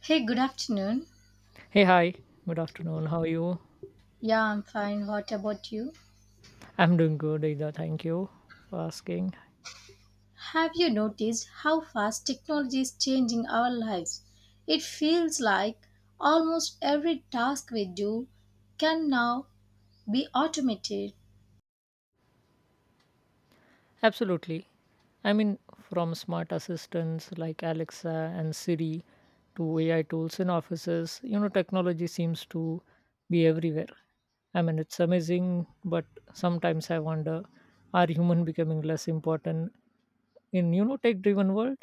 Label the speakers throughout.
Speaker 1: Hey, good afternoon.
Speaker 2: Hey, hi. Good afternoon. How are you?
Speaker 1: Yeah, I'm fine. What about you?
Speaker 2: I'm doing good either. Thank you for asking.
Speaker 1: Have you noticed how fast technology is changing our lives? It feels like almost every task we do can now be automated.
Speaker 2: Absolutely. I mean, from smart assistants like Alexa and Siri to AI tools in offices, technology seems to be everywhere. It's amazing, but sometimes I wonder, are human becoming less important in, tech driven world?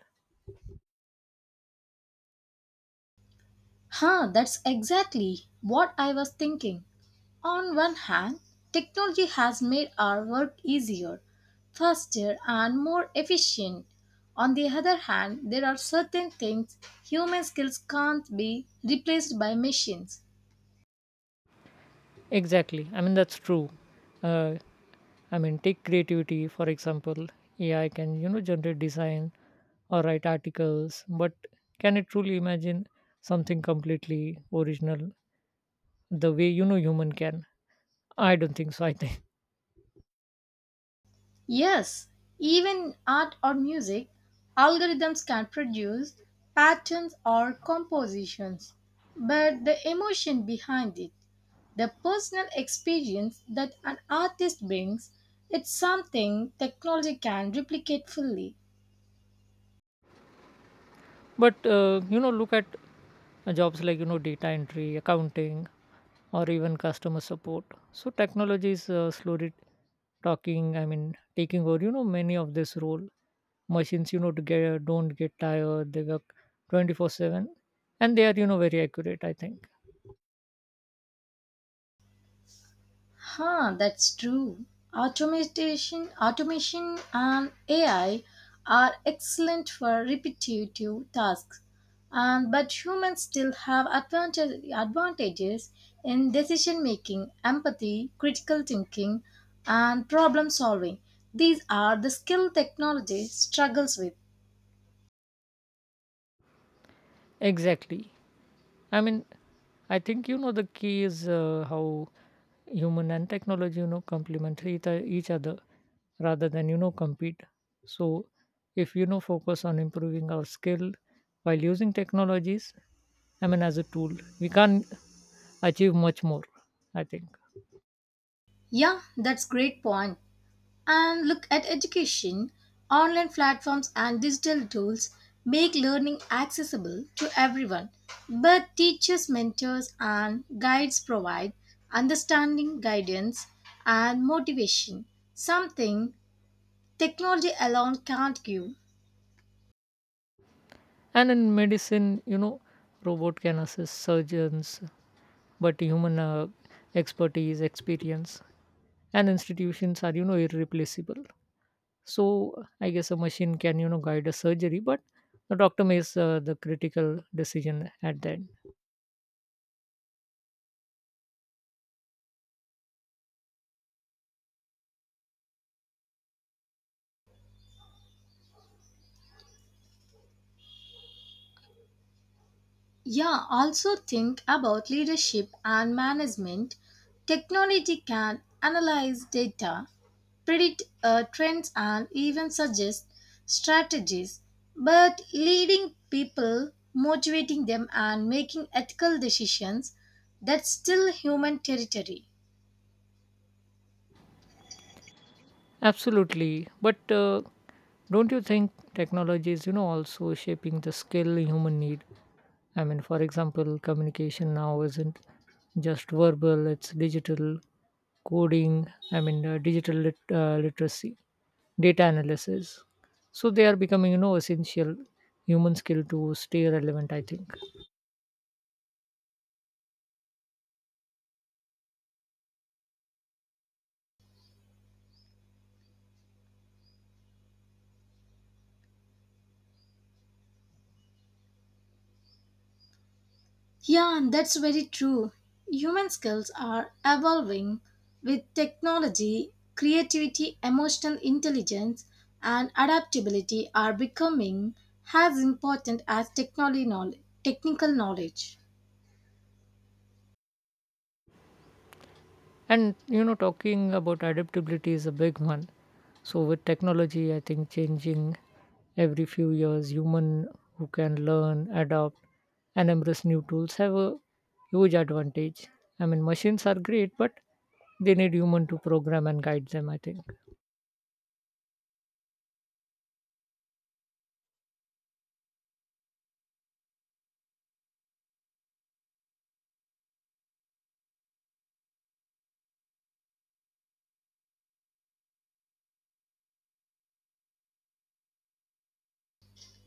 Speaker 1: Huh, that's exactly what I was thinking. On one hand, technology has made our work easier, faster, and more efficient. On the other hand, there are certain things human skills can't be replaced by machines.
Speaker 2: Exactly. That's true. Uh, take creativity, for example, AI can, generate design or write articles but can it truly imagine something completely original the way human can. I don't think so, I think.
Speaker 1: Yes, even art or music, algorithms can produce patterns or compositions, but the emotion behind it, the personal experience that an artist brings, it's something technology can replicate fully.
Speaker 2: But look at jobs like data entry, accounting, or even customer support. So technology is slowly talking I mean taking over, many of this role. Machines, you know to get don't get tired, they work 24/7 and they are, very accurate, I think.
Speaker 1: Huh, that's true. Automation and AI are excellent for repetitive tasks. But humans still have advantages in decision making, empathy, critical thinking, and problem solving. These are the skill technology struggles with.
Speaker 2: Exactly. I mean, I think the key is how human and technology complement each other rather than compete. So if focus on improving our skill while using technologies, I mean as a tool, we can achieve much more, I think.
Speaker 1: Yeah, that's great point. And look at education. Online platforms and digital tools make learning accessible to everyone, but teachers, mentors, and guides provide understanding, guidance, and motivation, something technology alone can't give.
Speaker 2: And in medicine, robot can assist surgeons, but human expertise, experience, and institutions are, irreplaceable. So I guess a machine can, guide a surgery, but the doctor makes the critical decision at that.
Speaker 1: Yeah, also think about leadership and management. Technology can analyze data, predict trends, and even suggest strategies. But leading people, motivating them, and making ethical decisions, that's still human territory.
Speaker 2: Absolutely, but don't you think technology is, also shaping the skill human need? For example, communication now isn't just verbal; it's digital coding. Digital literacy, data analysis. So they are becoming, essential human skill to stay relevant, I think.
Speaker 1: Yeah, and that's very true. Human skills are evolving with technology, creativity, emotional intelligence, and adaptability are becoming as important as technical knowledge.
Speaker 2: And talking about adaptability is a big one. So, with technology, I think, changing every few years, human who can learn, adapt, and embrace new tools have a huge advantage. Machines are great, but they need human to program and guide them, I think.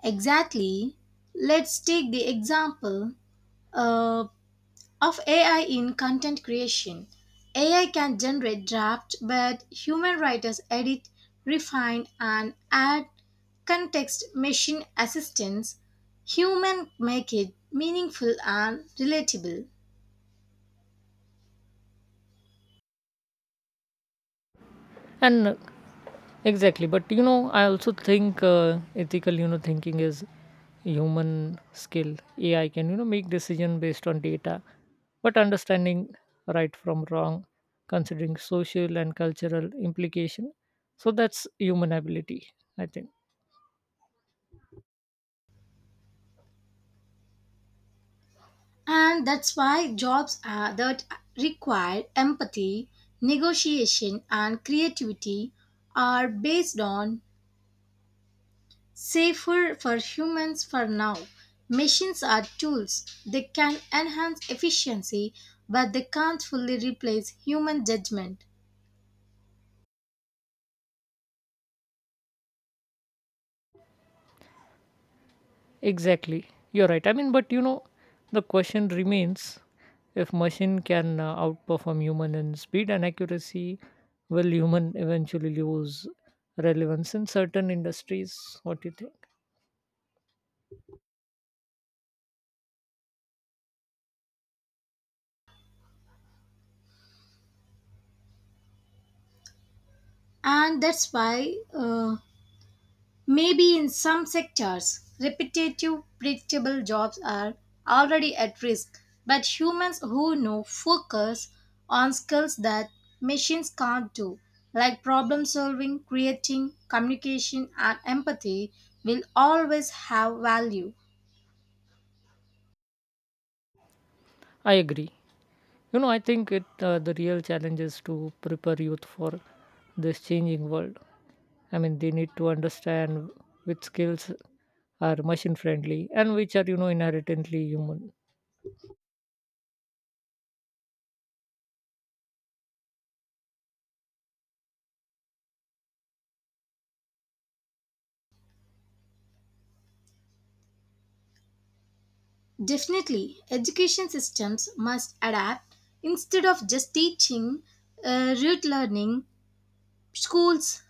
Speaker 1: Exactly. Let's take the example. Uh, of AI in content creation. AI can generate draft, but human writers edit, refine, and add context. Machine assistance, human make it meaningful and relatable.
Speaker 2: And Exactly, but you know, I also think ethical, thinking is human skill. AI can, make decision based on data, but understanding right from wrong, considering social and cultural implication, so that's human ability, I think.
Speaker 1: And that's why jobs are, that require empathy, negotiation, and creativity are based on safer for humans for now. Machines are tools. They can enhance efficiency, but they can't fully replace human judgment.
Speaker 2: Exactly. You're right. The question remains, if machine can outperform human in speed and accuracy, will human eventually lose relevance in certain industries? What do you think?
Speaker 1: And that's why, maybe in some sectors, repetitive, predictable jobs are already at risk. But humans who know focus on skills that machines can't do, like problem solving, creating, communication, and empathy, will always have value.
Speaker 2: I agree. I think it the real challenge is to prepare youth for this changing world. They need to understand which skills are machine friendly and which are, inherently human.
Speaker 1: Definitely, education systems must adapt instead of just teaching rote learning. Schools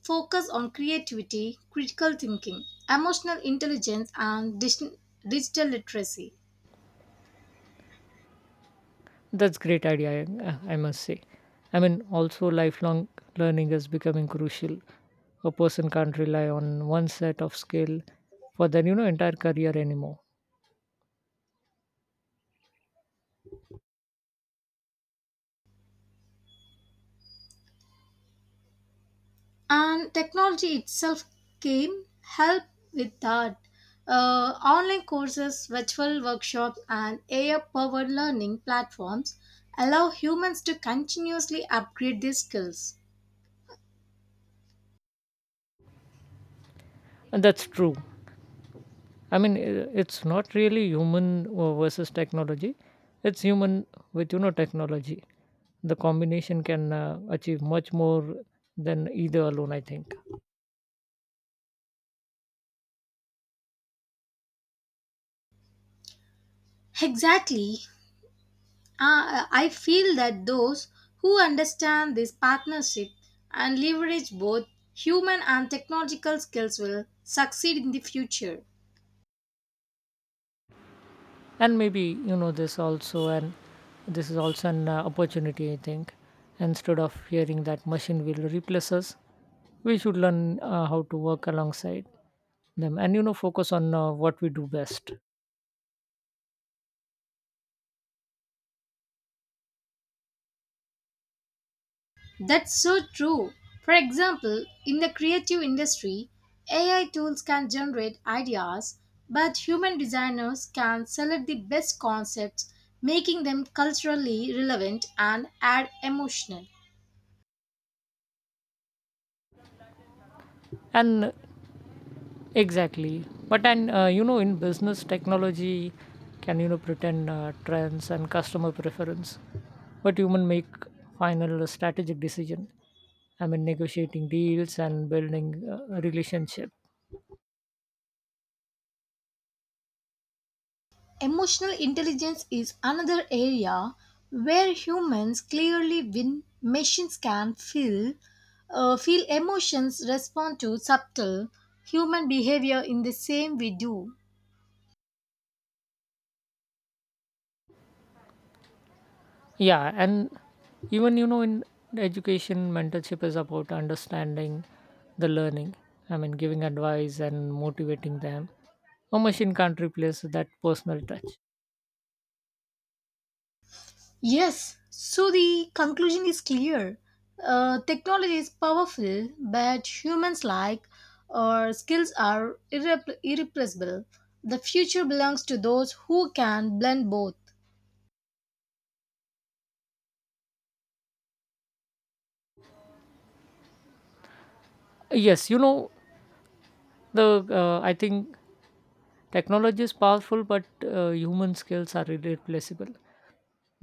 Speaker 1: focus on creativity, critical thinking, emotional intelligence, and digital literacy.
Speaker 2: That's great idea, I must say. Also lifelong learning is becoming crucial. A person can't rely on one set of skill for their entire career anymore.
Speaker 1: And technology itself came help with that. Online courses, virtual workshops, and AI powered learning platforms allow humans to continuously upgrade their skills.
Speaker 2: And that's true. It's not really human versus technology. It's human with, technology. The combination can achieve much more than either alone, I think.
Speaker 1: Exactly. I feel that those who understand this partnership and leverage both human and technological skills will succeed in the future.
Speaker 2: And maybe, you know this also and this is also an opportunity, I think. Instead of fearing that machine will replace us, we should learn how to work alongside them and focus on what we do best.
Speaker 1: That's so true. For example, in the creative industry, AI tools can generate ideas, but human designers can select the best concepts, making them culturally relevant and add emotional.
Speaker 2: And exactly but and uh, you know in business, technology can, pretend trends and customer preference, but human make final strategic decision. Negotiating deals and building relationship.
Speaker 1: Emotional intelligence is another area where humans clearly win. Machines can feel, feel emotions, respond to subtle human behavior in the same we do.
Speaker 2: Yeah, and even in education, mentorship is about understanding the learning. Giving advice and motivating them, a machine can't replace that personal touch.
Speaker 1: Yes, so the conclusion is clear. Technology is powerful, but humans like or skills are irreplaceable. The future belongs to those who can blend both.
Speaker 2: Yes, you know the I think technology is powerful, but human skills are irreplaceable.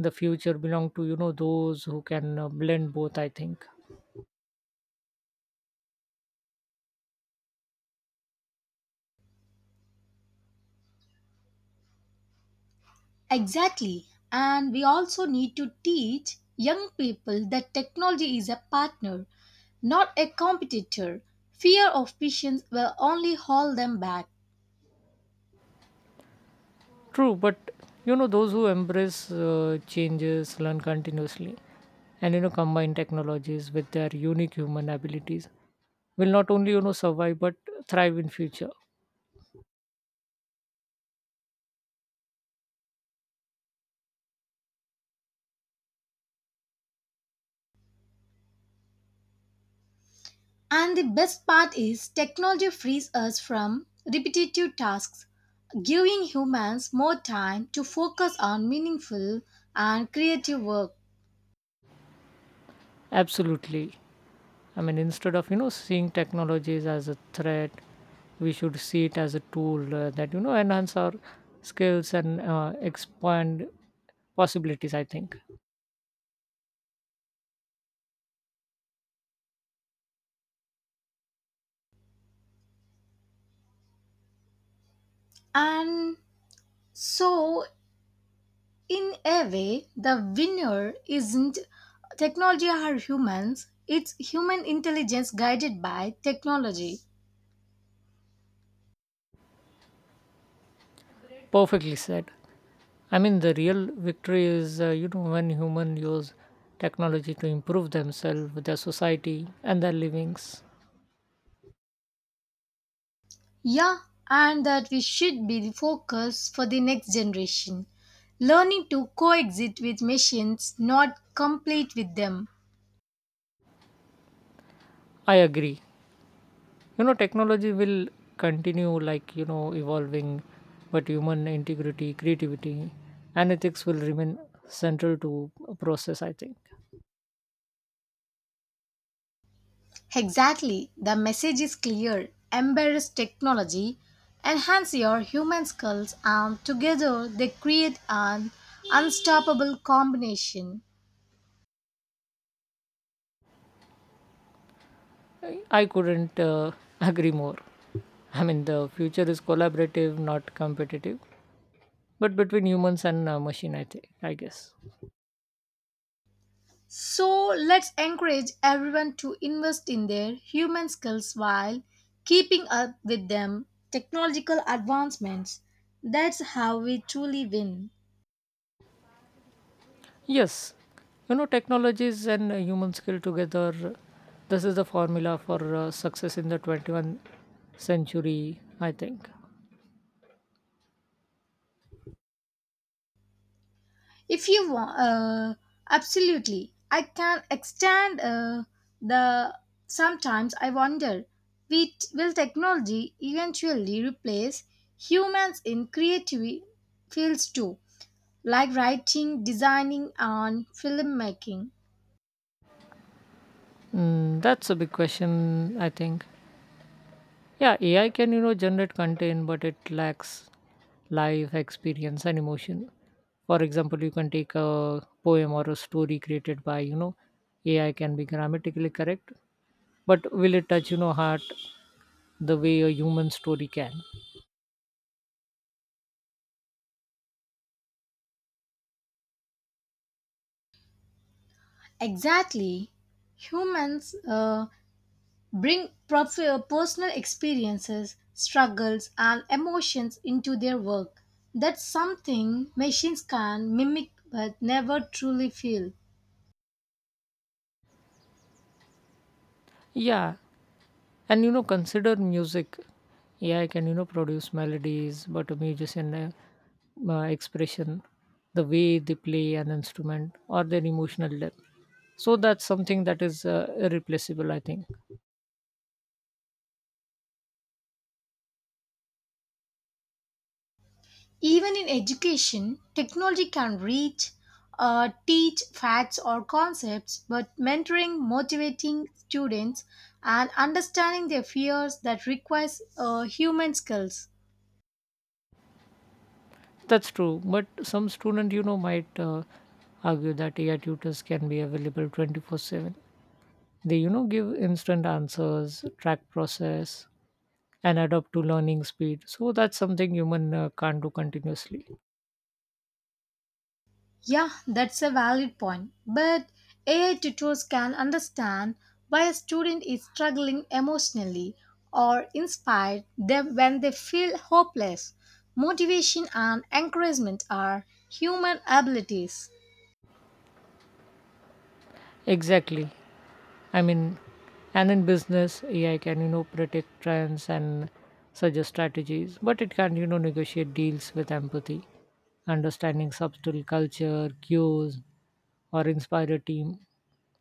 Speaker 2: The future belong to those who can blend both, I think.
Speaker 1: Exactly. And we also need to teach young people that technology is a partner, not a competitor. Fear of patience will only hold them back.
Speaker 2: True, but those who embrace changes, learn continuously, and, combine technologies with their unique human abilities will not only, survive but thrive in future.
Speaker 1: And the best part is technology frees us from repetitive tasks, giving humans more time to focus on meaningful and creative work.
Speaker 2: Absolutely. Instead of seeing technologies as a threat, we should see it as a tool that, enhance our skills and expand possibilities, I think.
Speaker 1: And so, in a way, the winner isn't technology or humans, it's human intelligence guided by technology.
Speaker 2: Perfectly said. The real victory is, when humans use technology to improve themselves, their society, and their livings.
Speaker 1: Yeah, and that we should be the focus for the next generation. Learning to coexist with machines, not compete with them.
Speaker 2: I agree. Technology will continue, evolving, but human integrity, creativity, and ethics will remain central to a process, I think.
Speaker 1: Exactly, the message is clear. Embrace technology, enhance your human skills, and together they create an unstoppable combination.
Speaker 2: I couldn't agree more. The future is collaborative, not competitive, but between humans and machine, I think, I guess.
Speaker 1: So let's encourage everyone to invest in their human skills while keeping up with them technological advancements. That's how we truly win.
Speaker 2: Yes, technologies and human skill together, this is the formula for success in the 21st century, I think.
Speaker 1: If you want, absolutely, I can extend the. Sometimes I wonder, we will technology eventually replace humans in creative fields too, like writing, designing, and filmmaking?
Speaker 2: Mm, that's a big question, I think. Yeah, AI can, generate content, but it lacks life experience and emotion. For example, you can take a poem or a story created by, AI can be grammatically correct, but will it touch, heart the way a human story can?
Speaker 1: Exactly. Humans bring personal experiences, struggles, and emotions into their work. That's something machines can mimic but never truly feel.
Speaker 2: Yeah, and consider music. AI can produce melodies, but a musician expression, the way they play an instrument or their emotional depth, so that's something that is irreplaceable, I think.
Speaker 1: Even in education, technology can teach facts or concepts, but mentoring, motivating students, and understanding their fears that requires human skills.
Speaker 2: That's true, but some student, might argue that AI tutors can be available 24/7. They, give instant answers, track process, and adapt to learning speed, so that's something human can't do continuously.
Speaker 1: Yeah, that's a valid point. But AI tutors can understand why a student is struggling emotionally or inspire them when they feel hopeless. Motivation and encouragement are human abilities.
Speaker 2: Exactly. I mean, and in business, AI can, predict trends and suggest strategies, but it can, negotiate deals with empathy, understanding subtle culture, cues, or inspire a team.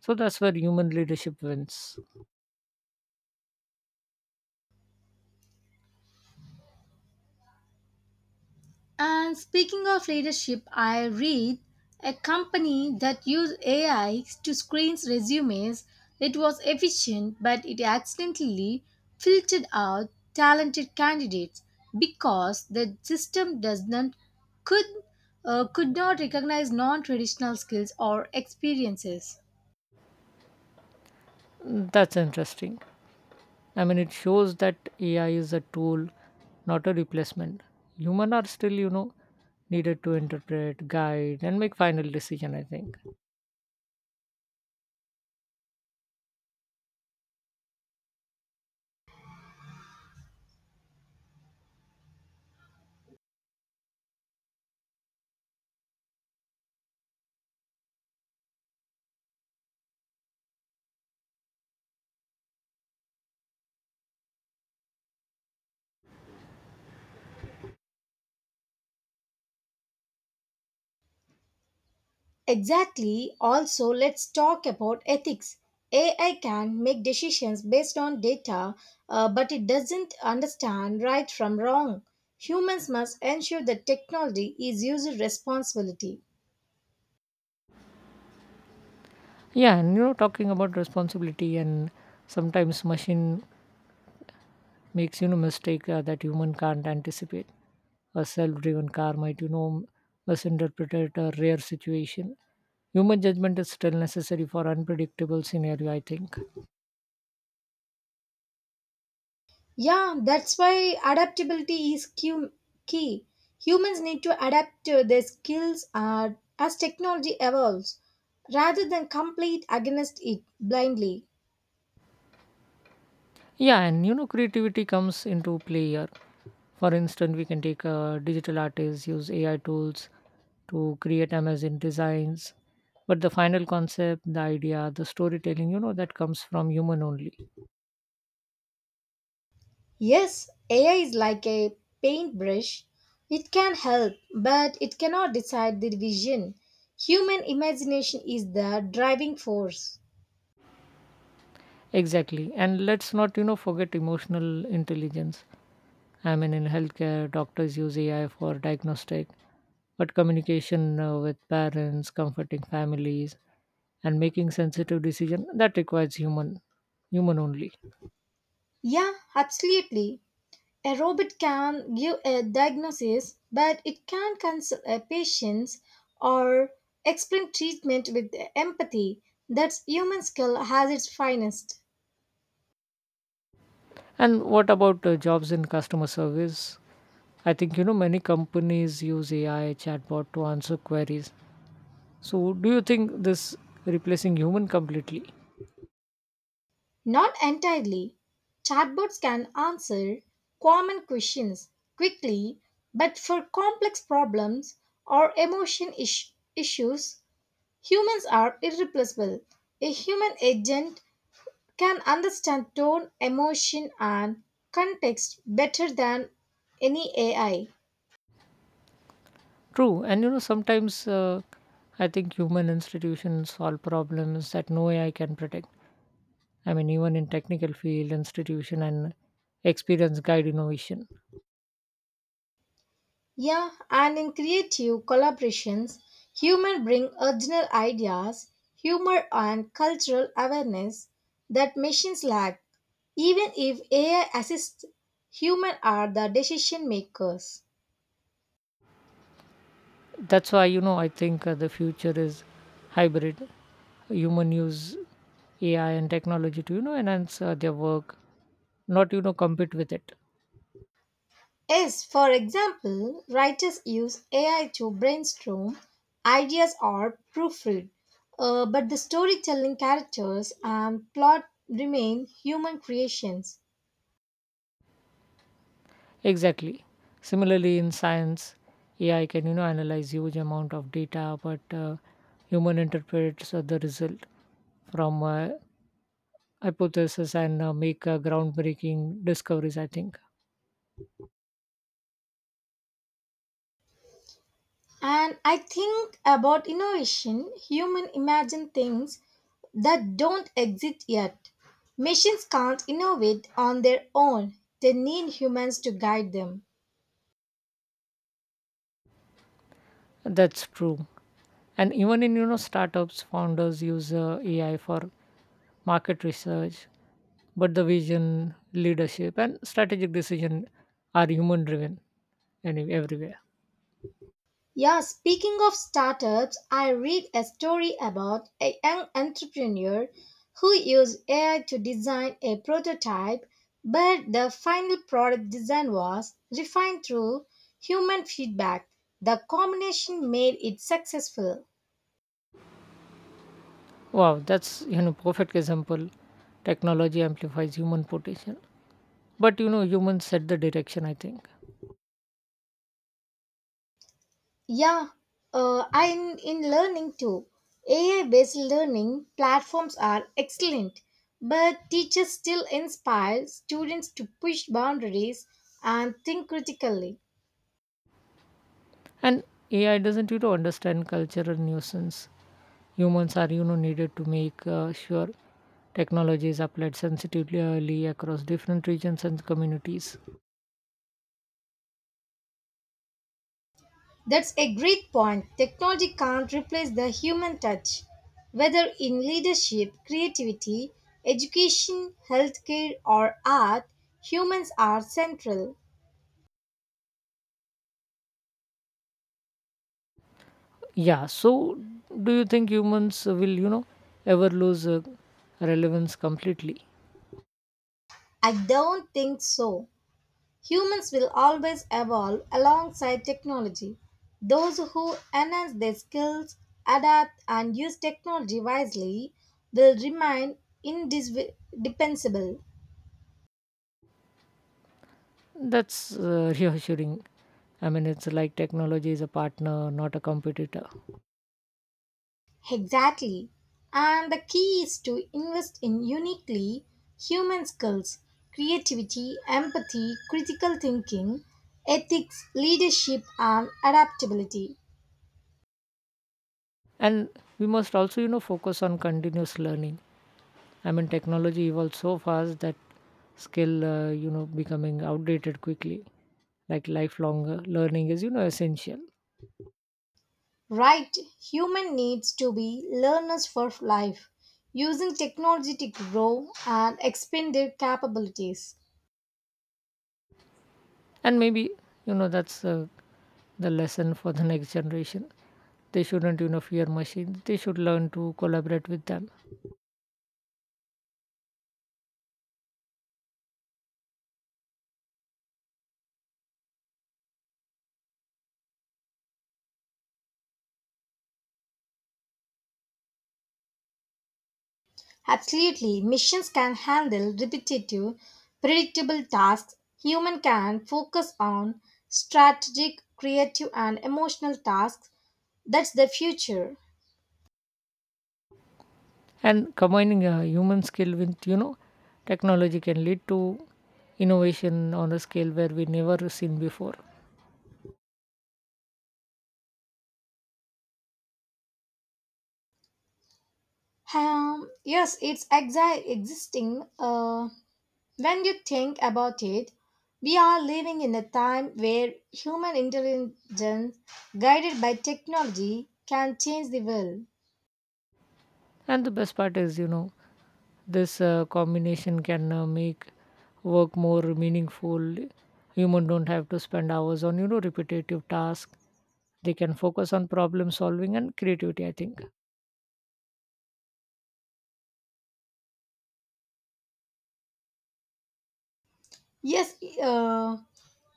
Speaker 2: So that's where human leadership wins.
Speaker 1: And speaking of leadership, I read a company that used AI to screen resumes. It was efficient, but it accidentally filtered out talented candidates because the system does not could could not recognize non-traditional skills or experiences.
Speaker 2: That's interesting. It shows that AI is a tool, not a replacement. Human are still, needed to interpret, guide, and make final decision, I think.
Speaker 1: Exactly. Also, let's talk about ethics. AI can make decisions based on data, but it doesn't understand right from wrong. Humans must ensure that technology is user responsibility.
Speaker 2: Yeah, and talking about responsibility, and sometimes machine makes, mistake that human can't anticipate. A self-driven car might, misinterpret a rare situation. Human judgment is still necessary for unpredictable scenario, I think.
Speaker 1: Yeah, that's why adaptability is key. Humans need to adapt to their skills as technology evolves rather than complete against it blindly.
Speaker 2: Yeah, and creativity comes into play here. For instance, we can take digital artists use AI tools to create amazing designs, but the final concept, the idea, the storytelling, that comes from human only.
Speaker 1: Yes, AI is like a paintbrush. It can help, but it cannot decide the vision. Human imagination is the driving force.
Speaker 2: Exactly. And let's not, forget emotional intelligence. In healthcare, doctors use AI for diagnostic, but communication with parents, comforting families, and making sensitive decision that requires human only.
Speaker 1: Yeah, absolutely. A robot can give a diagnosis, but it can not counsel a patient or explain treatment with empathy. That's human skill has its finest.
Speaker 2: And what about jobs in customer service? I think many companies use AI chatbot to answer queries. So, do you think this replacing human completely?
Speaker 1: Not entirely. Chatbots can answer common questions quickly, but for complex problems or issues, humans are irreplaceable. A human agent can understand tone, emotion, and context better than any AI.
Speaker 2: True, and sometimes I think human institutions solve problems that no AI can predict. Even in technical field, institution and experience guide innovation.
Speaker 1: Yeah, and in creative collaborations, humans bring original ideas, humor, and cultural awareness that machines lack. Even if AI assists, humans are the decision makers.
Speaker 2: That's why I think the future is hybrid. Human use AI and technology to, enhance their work, not compete with it.
Speaker 1: Yes, for example, writers use AI to brainstorm ideas or proofread, but the storytelling characters and plot remain human creations.
Speaker 2: Exactly. Similarly, in science, AI can analyze huge amount of data, but human interprets the result from hypothesis and make groundbreaking discoveries, I think.
Speaker 1: And I think about innovation, human imagine things that don't exist yet. Machines can't innovate on their own. They need humans to guide them.
Speaker 2: That's true. And even in, startups, founders use AI for market research, but the vision, leadership, and strategic decision are human driven, and everywhere.
Speaker 1: Yeah, speaking of startups, I read a story about a young entrepreneur who used AI to design a prototype, but the final product design was refined through human feedback. The combination made it successful.
Speaker 2: Wow, that's, perfect example. Technology amplifies human potential, but, humans set the direction, I think.
Speaker 1: Yeah, I'm in learning too. AI based learning platforms are excellent, but teachers still inspire students to push boundaries and think critically.
Speaker 2: And AI doesn't, understand cultural nuisance. Humans are, needed to make sure technology is applied sensitively across different regions and communities.
Speaker 1: That's a great point. Technology can't replace the human touch, whether in leadership, creativity, education, healthcare, or art. Humans are central.
Speaker 2: Yeah, so do you think humans will, ever lose relevance completely?
Speaker 1: I don't think so. Humans will always evolve alongside technology. Those who enhance their skills, adapt, and use technology wisely will remain indispensable.
Speaker 2: That's reassuring. It's like technology is a partner, not a competitor.
Speaker 1: Exactly. And the key is to invest in uniquely human skills, creativity, empathy, critical thinking, ethics, leadership, and adaptability.
Speaker 2: And we must also, focus on continuous learning. Technology evolves so fast that skill, becoming outdated quickly, like lifelong learning is, essential.
Speaker 1: Right, human needs to be learners for life, using technology to grow and expand their capabilities.
Speaker 2: And maybe, you know that's the lesson for the next generation. They shouldn't, fear machines, they should learn to collaborate with them.
Speaker 1: Absolutely, machines can handle repetitive, predictable tasks. Human can focus on strategic, creative, and emotional tasks. That's the future.
Speaker 2: And combining a human skill with, technology can lead to innovation on a scale where we never seen before.
Speaker 1: Yes, it's existing. When you think about it, we are living in a time where human intelligence, guided by technology, can change the world.
Speaker 2: And the best part is, this combination can make work more meaningful. Human don't have to spend hours on, repetitive tasks. They can focus on problem solving and creativity, I think.
Speaker 1: Yes, uh,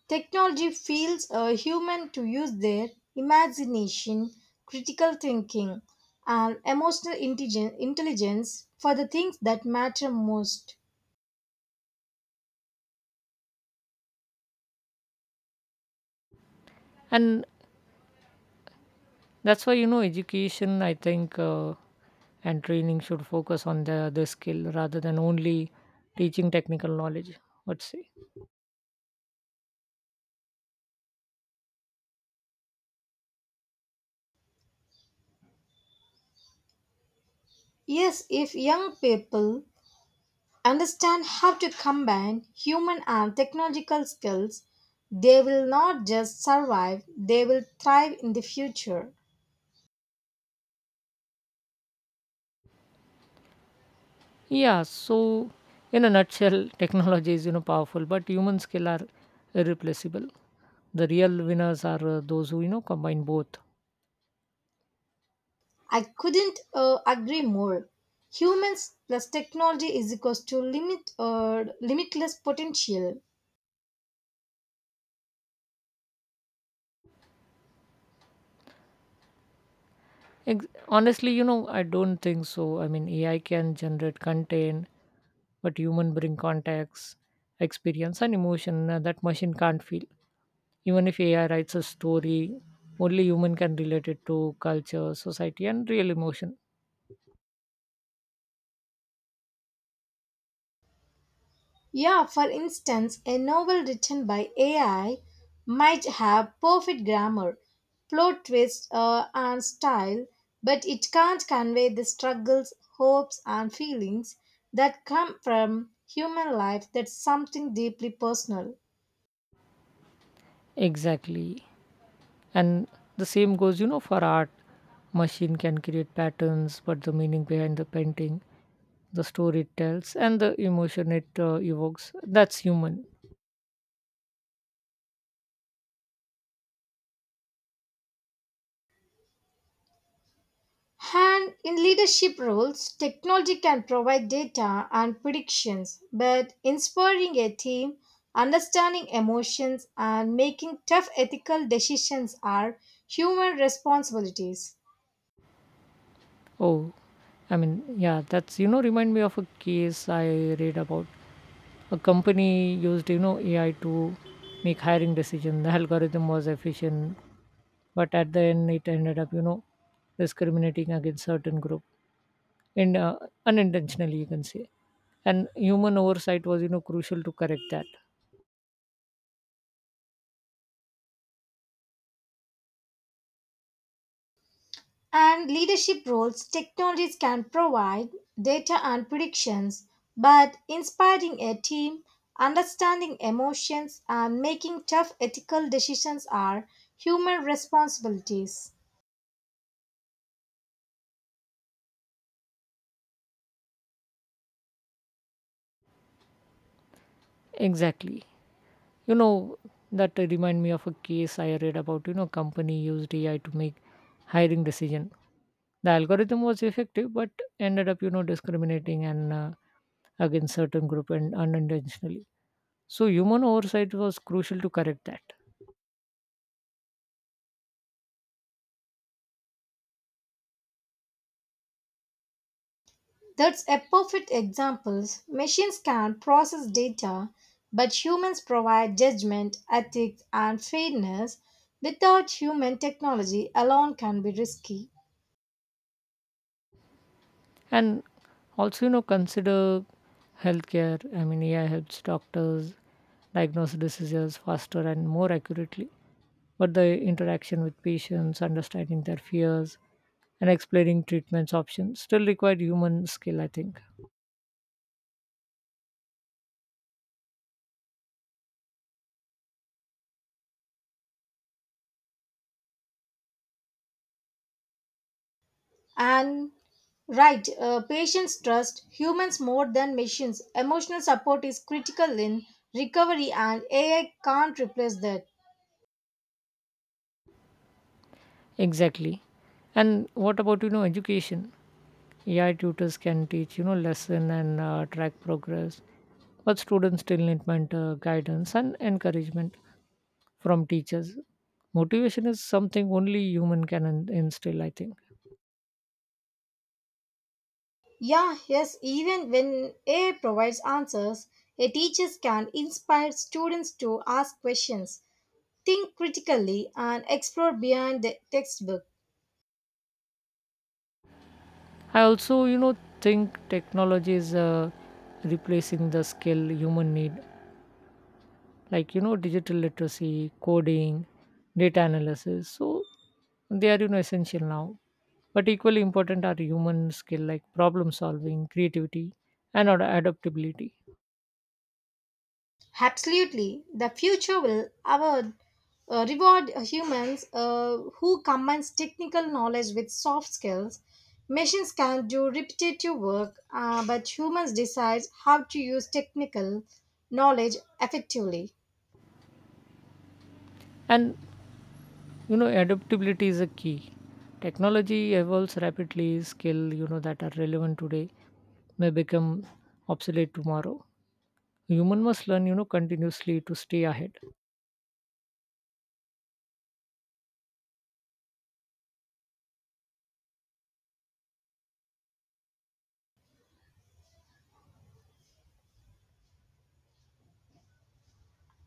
Speaker 1: technology feels a human to use their imagination, critical thinking, and intelligence for the things that matter most.
Speaker 2: And that's why, education, I think and training should focus on the skill rather than only teaching technical knowledge, let's say.
Speaker 1: Yes, if young people understand how to combine human and technological skills, they will not just survive, they will thrive in the future.
Speaker 2: Yeah, so in a nutshell, technology is, powerful, but human skill are irreplaceable. The real winners are those who, combine both.
Speaker 1: I couldn't agree more. Humans plus technology is equals to limit or limitless potential.
Speaker 2: Honestly, I don't think so. I mean, AI can generate content, but human bring context, experience, and emotion that machine can't feel. Even if AI writes a story, only human can relate it to culture, society, and real emotion.
Speaker 1: Yeah, for instance, a novel written by AI might have perfect grammar, plot twist, and style, but it can't convey the struggles, hopes, and feelings that come from human life, that's something deeply personal.
Speaker 2: Exactly. And the same goes for art. Machine can create patterns, but the meaning behind the painting, the story it tells, and the emotion it evokes, that's human.
Speaker 1: And in leadership roles, technology can provide data and predictions, but inspiring a team, understanding emotions, and making tough ethical decisions are human responsibilities.
Speaker 2: Oh, I mean, yeah, that's, remind me of a case I read about. A company used AI to make hiring decision. The algorithm was efficient, but at the end it ended up discriminating against certain group, and unintentionally you can say, and human oversight was crucial to correct that.
Speaker 1: And leadership roles, technologies can provide data and predictions, but inspiring a team, understanding emotions, and making tough ethical decisions are human responsibilities.
Speaker 2: Exactly. You know that remind me of a case I read about. Company used AI to make hiring decision. The algorithm was effective, but ended up discriminating, and against certain group and unintentionally, so human oversight was crucial to correct that.
Speaker 1: That's a perfect example. Machines can process data, but humans provide judgment, ethics, and fairness. Without human technology alone can be risky.
Speaker 2: And also, consider healthcare. I mean, AI helps doctors diagnose diseases faster and more accurately, but the interaction with patients, understanding their fears, and explaining treatments options still require human skill, I think.
Speaker 1: And right, patients trust humans more than machines. Emotional support is critical in recovery, and AI can't replace that.
Speaker 2: Exactly. And what about, education? AI tutors can teach, lesson and track progress, but students still need mentor guidance and encouragement from teachers. Motivation is something only human can instill, I think.
Speaker 1: Yeah, yes, even when AI provides answers, a teacher can inspire students to ask questions, think critically and explore beyond the textbook.
Speaker 2: I also, think technology is replacing the skill human need, like, digital literacy, coding, data analysis. So they are, essential now. But equally important are human skill like problem solving, creativity, and adaptability.
Speaker 1: Absolutely, the future will reward humans who combines technical knowledge with soft skills. Machines can do repetitive work, but humans decide how to use technical knowledge effectively.
Speaker 2: And adaptability is a key. Technology evolves rapidly. Skill that are relevant today may become obsolete tomorrow. Human must learn, continuously to stay ahead.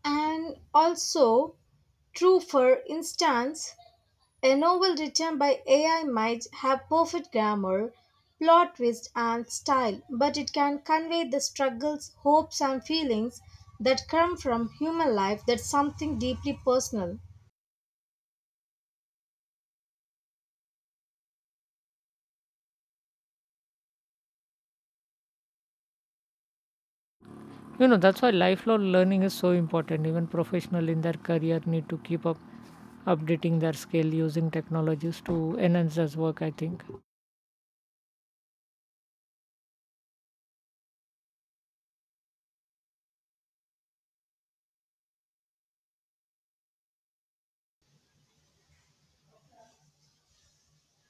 Speaker 1: And also, true for instance, a novel written by AI might have perfect grammar, plot twist, and style, but it can convey the struggles, hopes, and feelings that come from human life, that's something deeply personal.
Speaker 2: That's why lifelong learning is so important. Even professional in their career need to keep up updating their skill using technologies to enhance their work, I think.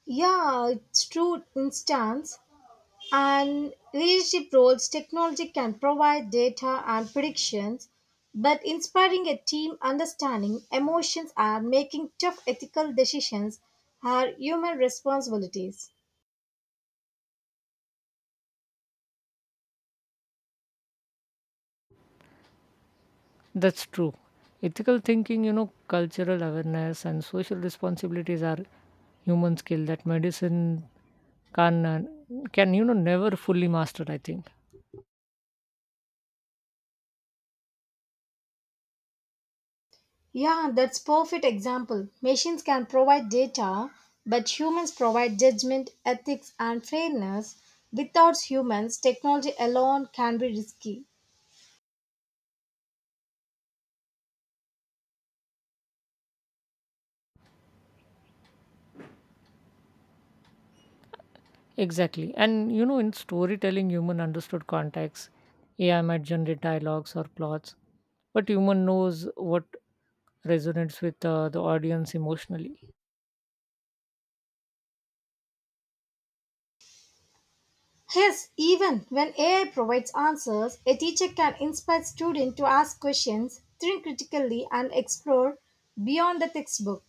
Speaker 1: Yeah, it's true instance. And leadership roles, technology can provide data and predictions, but inspiring a team understanding emotions and making tough ethical decisions are human responsibilities.
Speaker 2: That's true. Ethical thinking, cultural awareness and social responsibilities are human skill that medicine can uh, can never fully master. I think.
Speaker 1: Yeah, that's perfect example. Machines can provide data, but humans provide judgment, ethics, and fairness. Without humans, technology alone can be risky.
Speaker 2: Exactly. And in storytelling, human understood context. AI might generate dialogues or plots, but human knows what resonates with the audience emotionally.
Speaker 1: Yes, even when AI provides answers, a teacher can inspire students to ask questions, think critically, and explore beyond the textbook.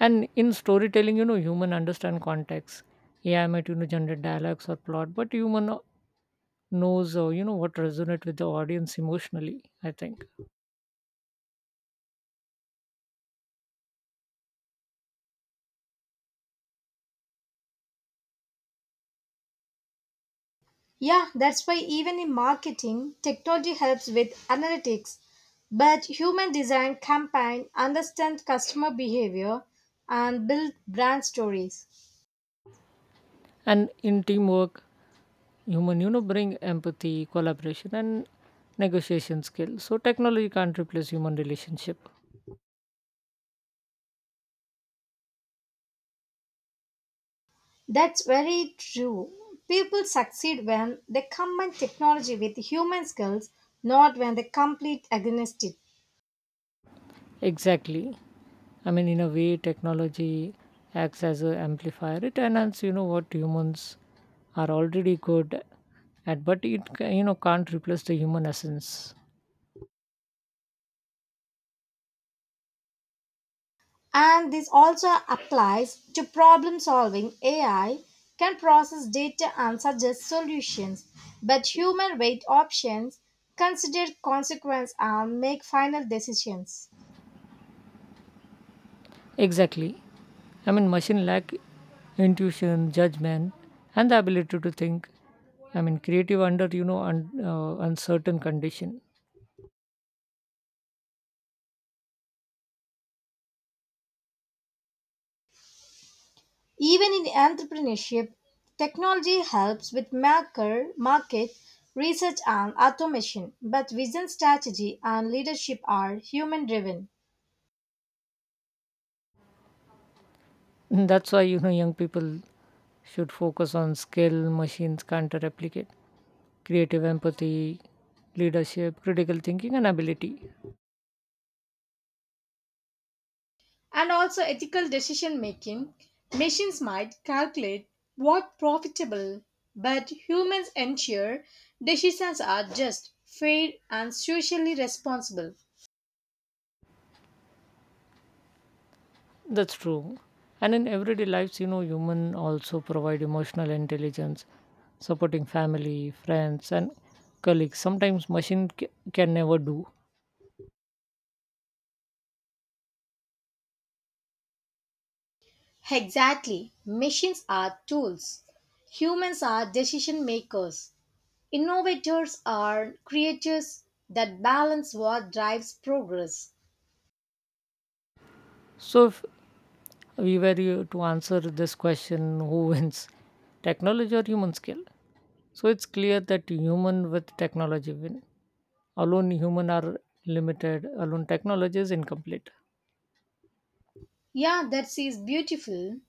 Speaker 2: And in storytelling, human understand context. AI might generate dialogues or plot, but human knows what resonate with the audience emotionally, I think.
Speaker 1: Yeah, that's why even in marketing, technology helps with analytics. But human design campaign understand customer behavior and build brand stories.
Speaker 2: And in teamwork, human bring empathy, collaboration, and negotiation skills, so technology can't replace human relationship.
Speaker 1: That's very true. People succeed when they combine technology with human skills, not when they compete against it.
Speaker 2: Exactly. I mean, in a way technology acts as a amplifier. It enhances, what humans are already good at, but it can't replace the human essence.
Speaker 1: And this also applies to problem solving. AI can process data and suggest solutions, but human weight options, consider consequence and make final decisions.
Speaker 2: Exactly. I mean, machine lack intuition, judgment, and the ability to think. I mean, creative under uncertain condition.
Speaker 1: Even in entrepreneurship, technology helps with market research and automation, but vision strategy and leadership are human driven.
Speaker 2: And that's why young people should focus on skill machines can't replicate. Creative empathy, leadership, critical thinking, and ability.
Speaker 1: And also ethical decision making. Machines might calculate what profitable, but humans ensure decisions are just, fair, and socially responsible.
Speaker 2: That's true. And in everyday lives, human also provide emotional intelligence, supporting family, friends, and colleagues. Sometimes machine can never do.
Speaker 1: Exactly. Machines are tools. Humans are decision makers. Innovators are creators that balance what drives progress.
Speaker 2: So, if we were you to answer this question, who wins, technology or human skill? So, it's clear that human with technology win. Alone, human are limited. Alone, technology is incomplete.
Speaker 1: Yeah, that is beautiful.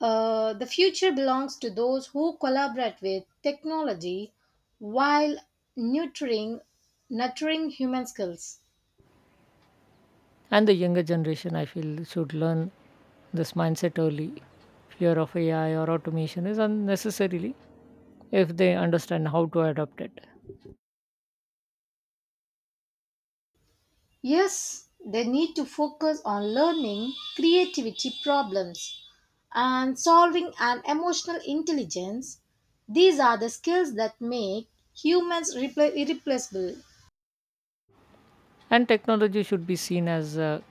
Speaker 1: The future belongs to those who collaborate with technology while nurturing, nurturing human skills.
Speaker 2: And the younger generation, I feel, should learn this mindset early. Fear of AI or automation is unnecessarily if they understand how to adopt it.
Speaker 1: Yes, they need to focus on learning, creativity, problems, and solving and emotional intelligence. These are the skills that make humans irreplaceable.
Speaker 2: And technology should be seen as a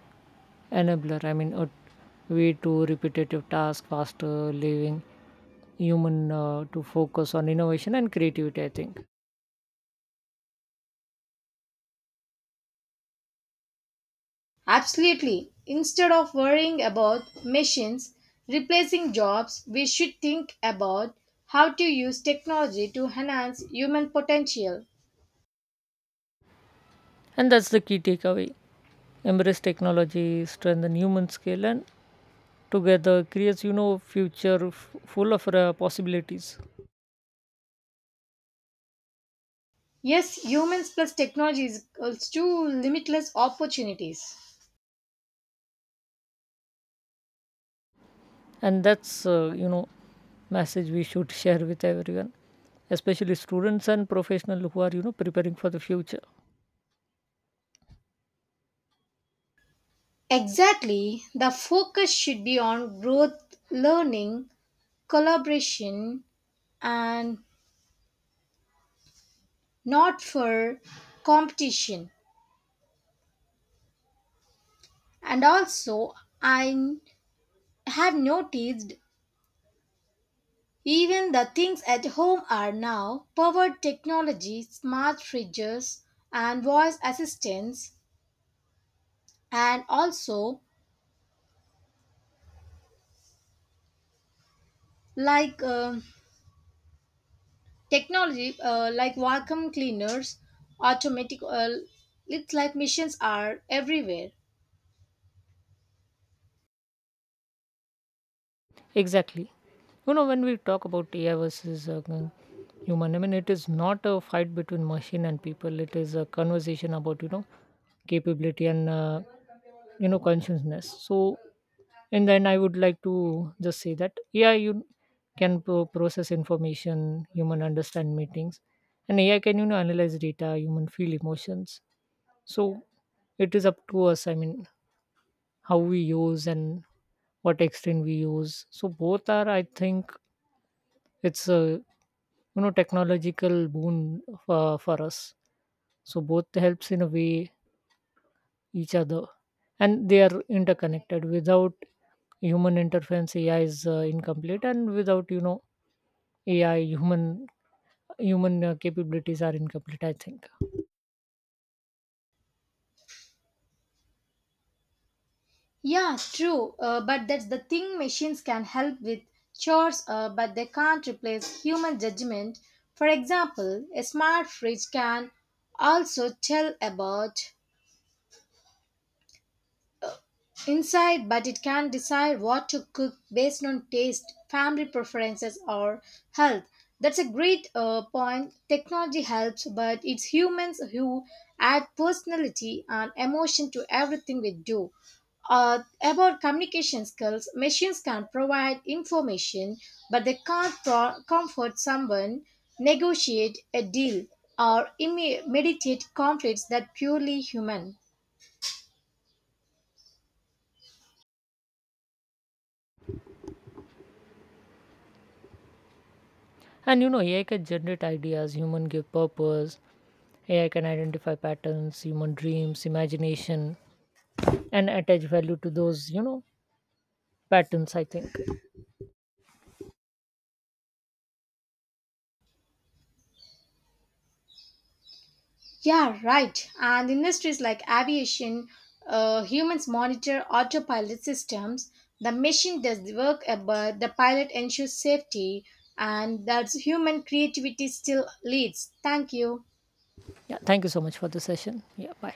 Speaker 2: enabler. I mean, a way to repetitive tasks faster, leaving human to focus on innovation and creativity, I think.
Speaker 1: Absolutely. Instead of worrying about machines replacing jobs, we should think about how to use technology to enhance human potential.
Speaker 2: And that's the key takeaway. Embrace technology, strengthen human skill, and together creates, future full of possibilities.
Speaker 1: Yes, humans plus technology is equals to limitless opportunities.
Speaker 2: And that's message we should share with everyone, especially students and professionals who are preparing for the future.
Speaker 1: Exactly. The focus should be on growth, learning, collaboration, and not for competition. And also, I have noticed even the things at home are now powered technology, smart fridges and voice assistants and also like technology like vacuum cleaners, automatic it's like machines are everywhere.
Speaker 2: Exactly. You know, when we talk about AI versus human, I mean, it is not a fight between machine and people. It is a conversation about, capability and, consciousness. So, and then I would like to just say that AI you can process information, human understand meetings, and AI can, analyze data, human feel emotions. So, it is up to us. I mean, how we use and what extent we use, so both are, I think, it's a, technological boon for us. So both helps in a way each other, and they are interconnected. Without human interference, ai is incomplete, and without, AI, human capabilities are incomplete, I think.
Speaker 1: Yeah, true. But that's the thing machines can help with chores, but they can't replace human judgment. For example, a smart fridge can also tell about inside, but it can decide what to cook based on taste, family preferences, or health. That's a great point. Technology helps, but it's humans who add personality and emotion to everything we do. About communication skills, machines can provide information, but they can't comfort someone, negotiate a deal, or mediate conflicts that purely human.
Speaker 2: And AI can generate ideas, human give purpose. AI can identify patterns, human dreams imagination, and attach value to those, patterns, I think.
Speaker 1: Yeah, right. And industries like aviation, humans monitor autopilot systems. The machine does the work, but the pilot ensures safety, and that's human creativity still leads. Thank you.
Speaker 2: Yeah, thank you so much for the session. Yeah, bye.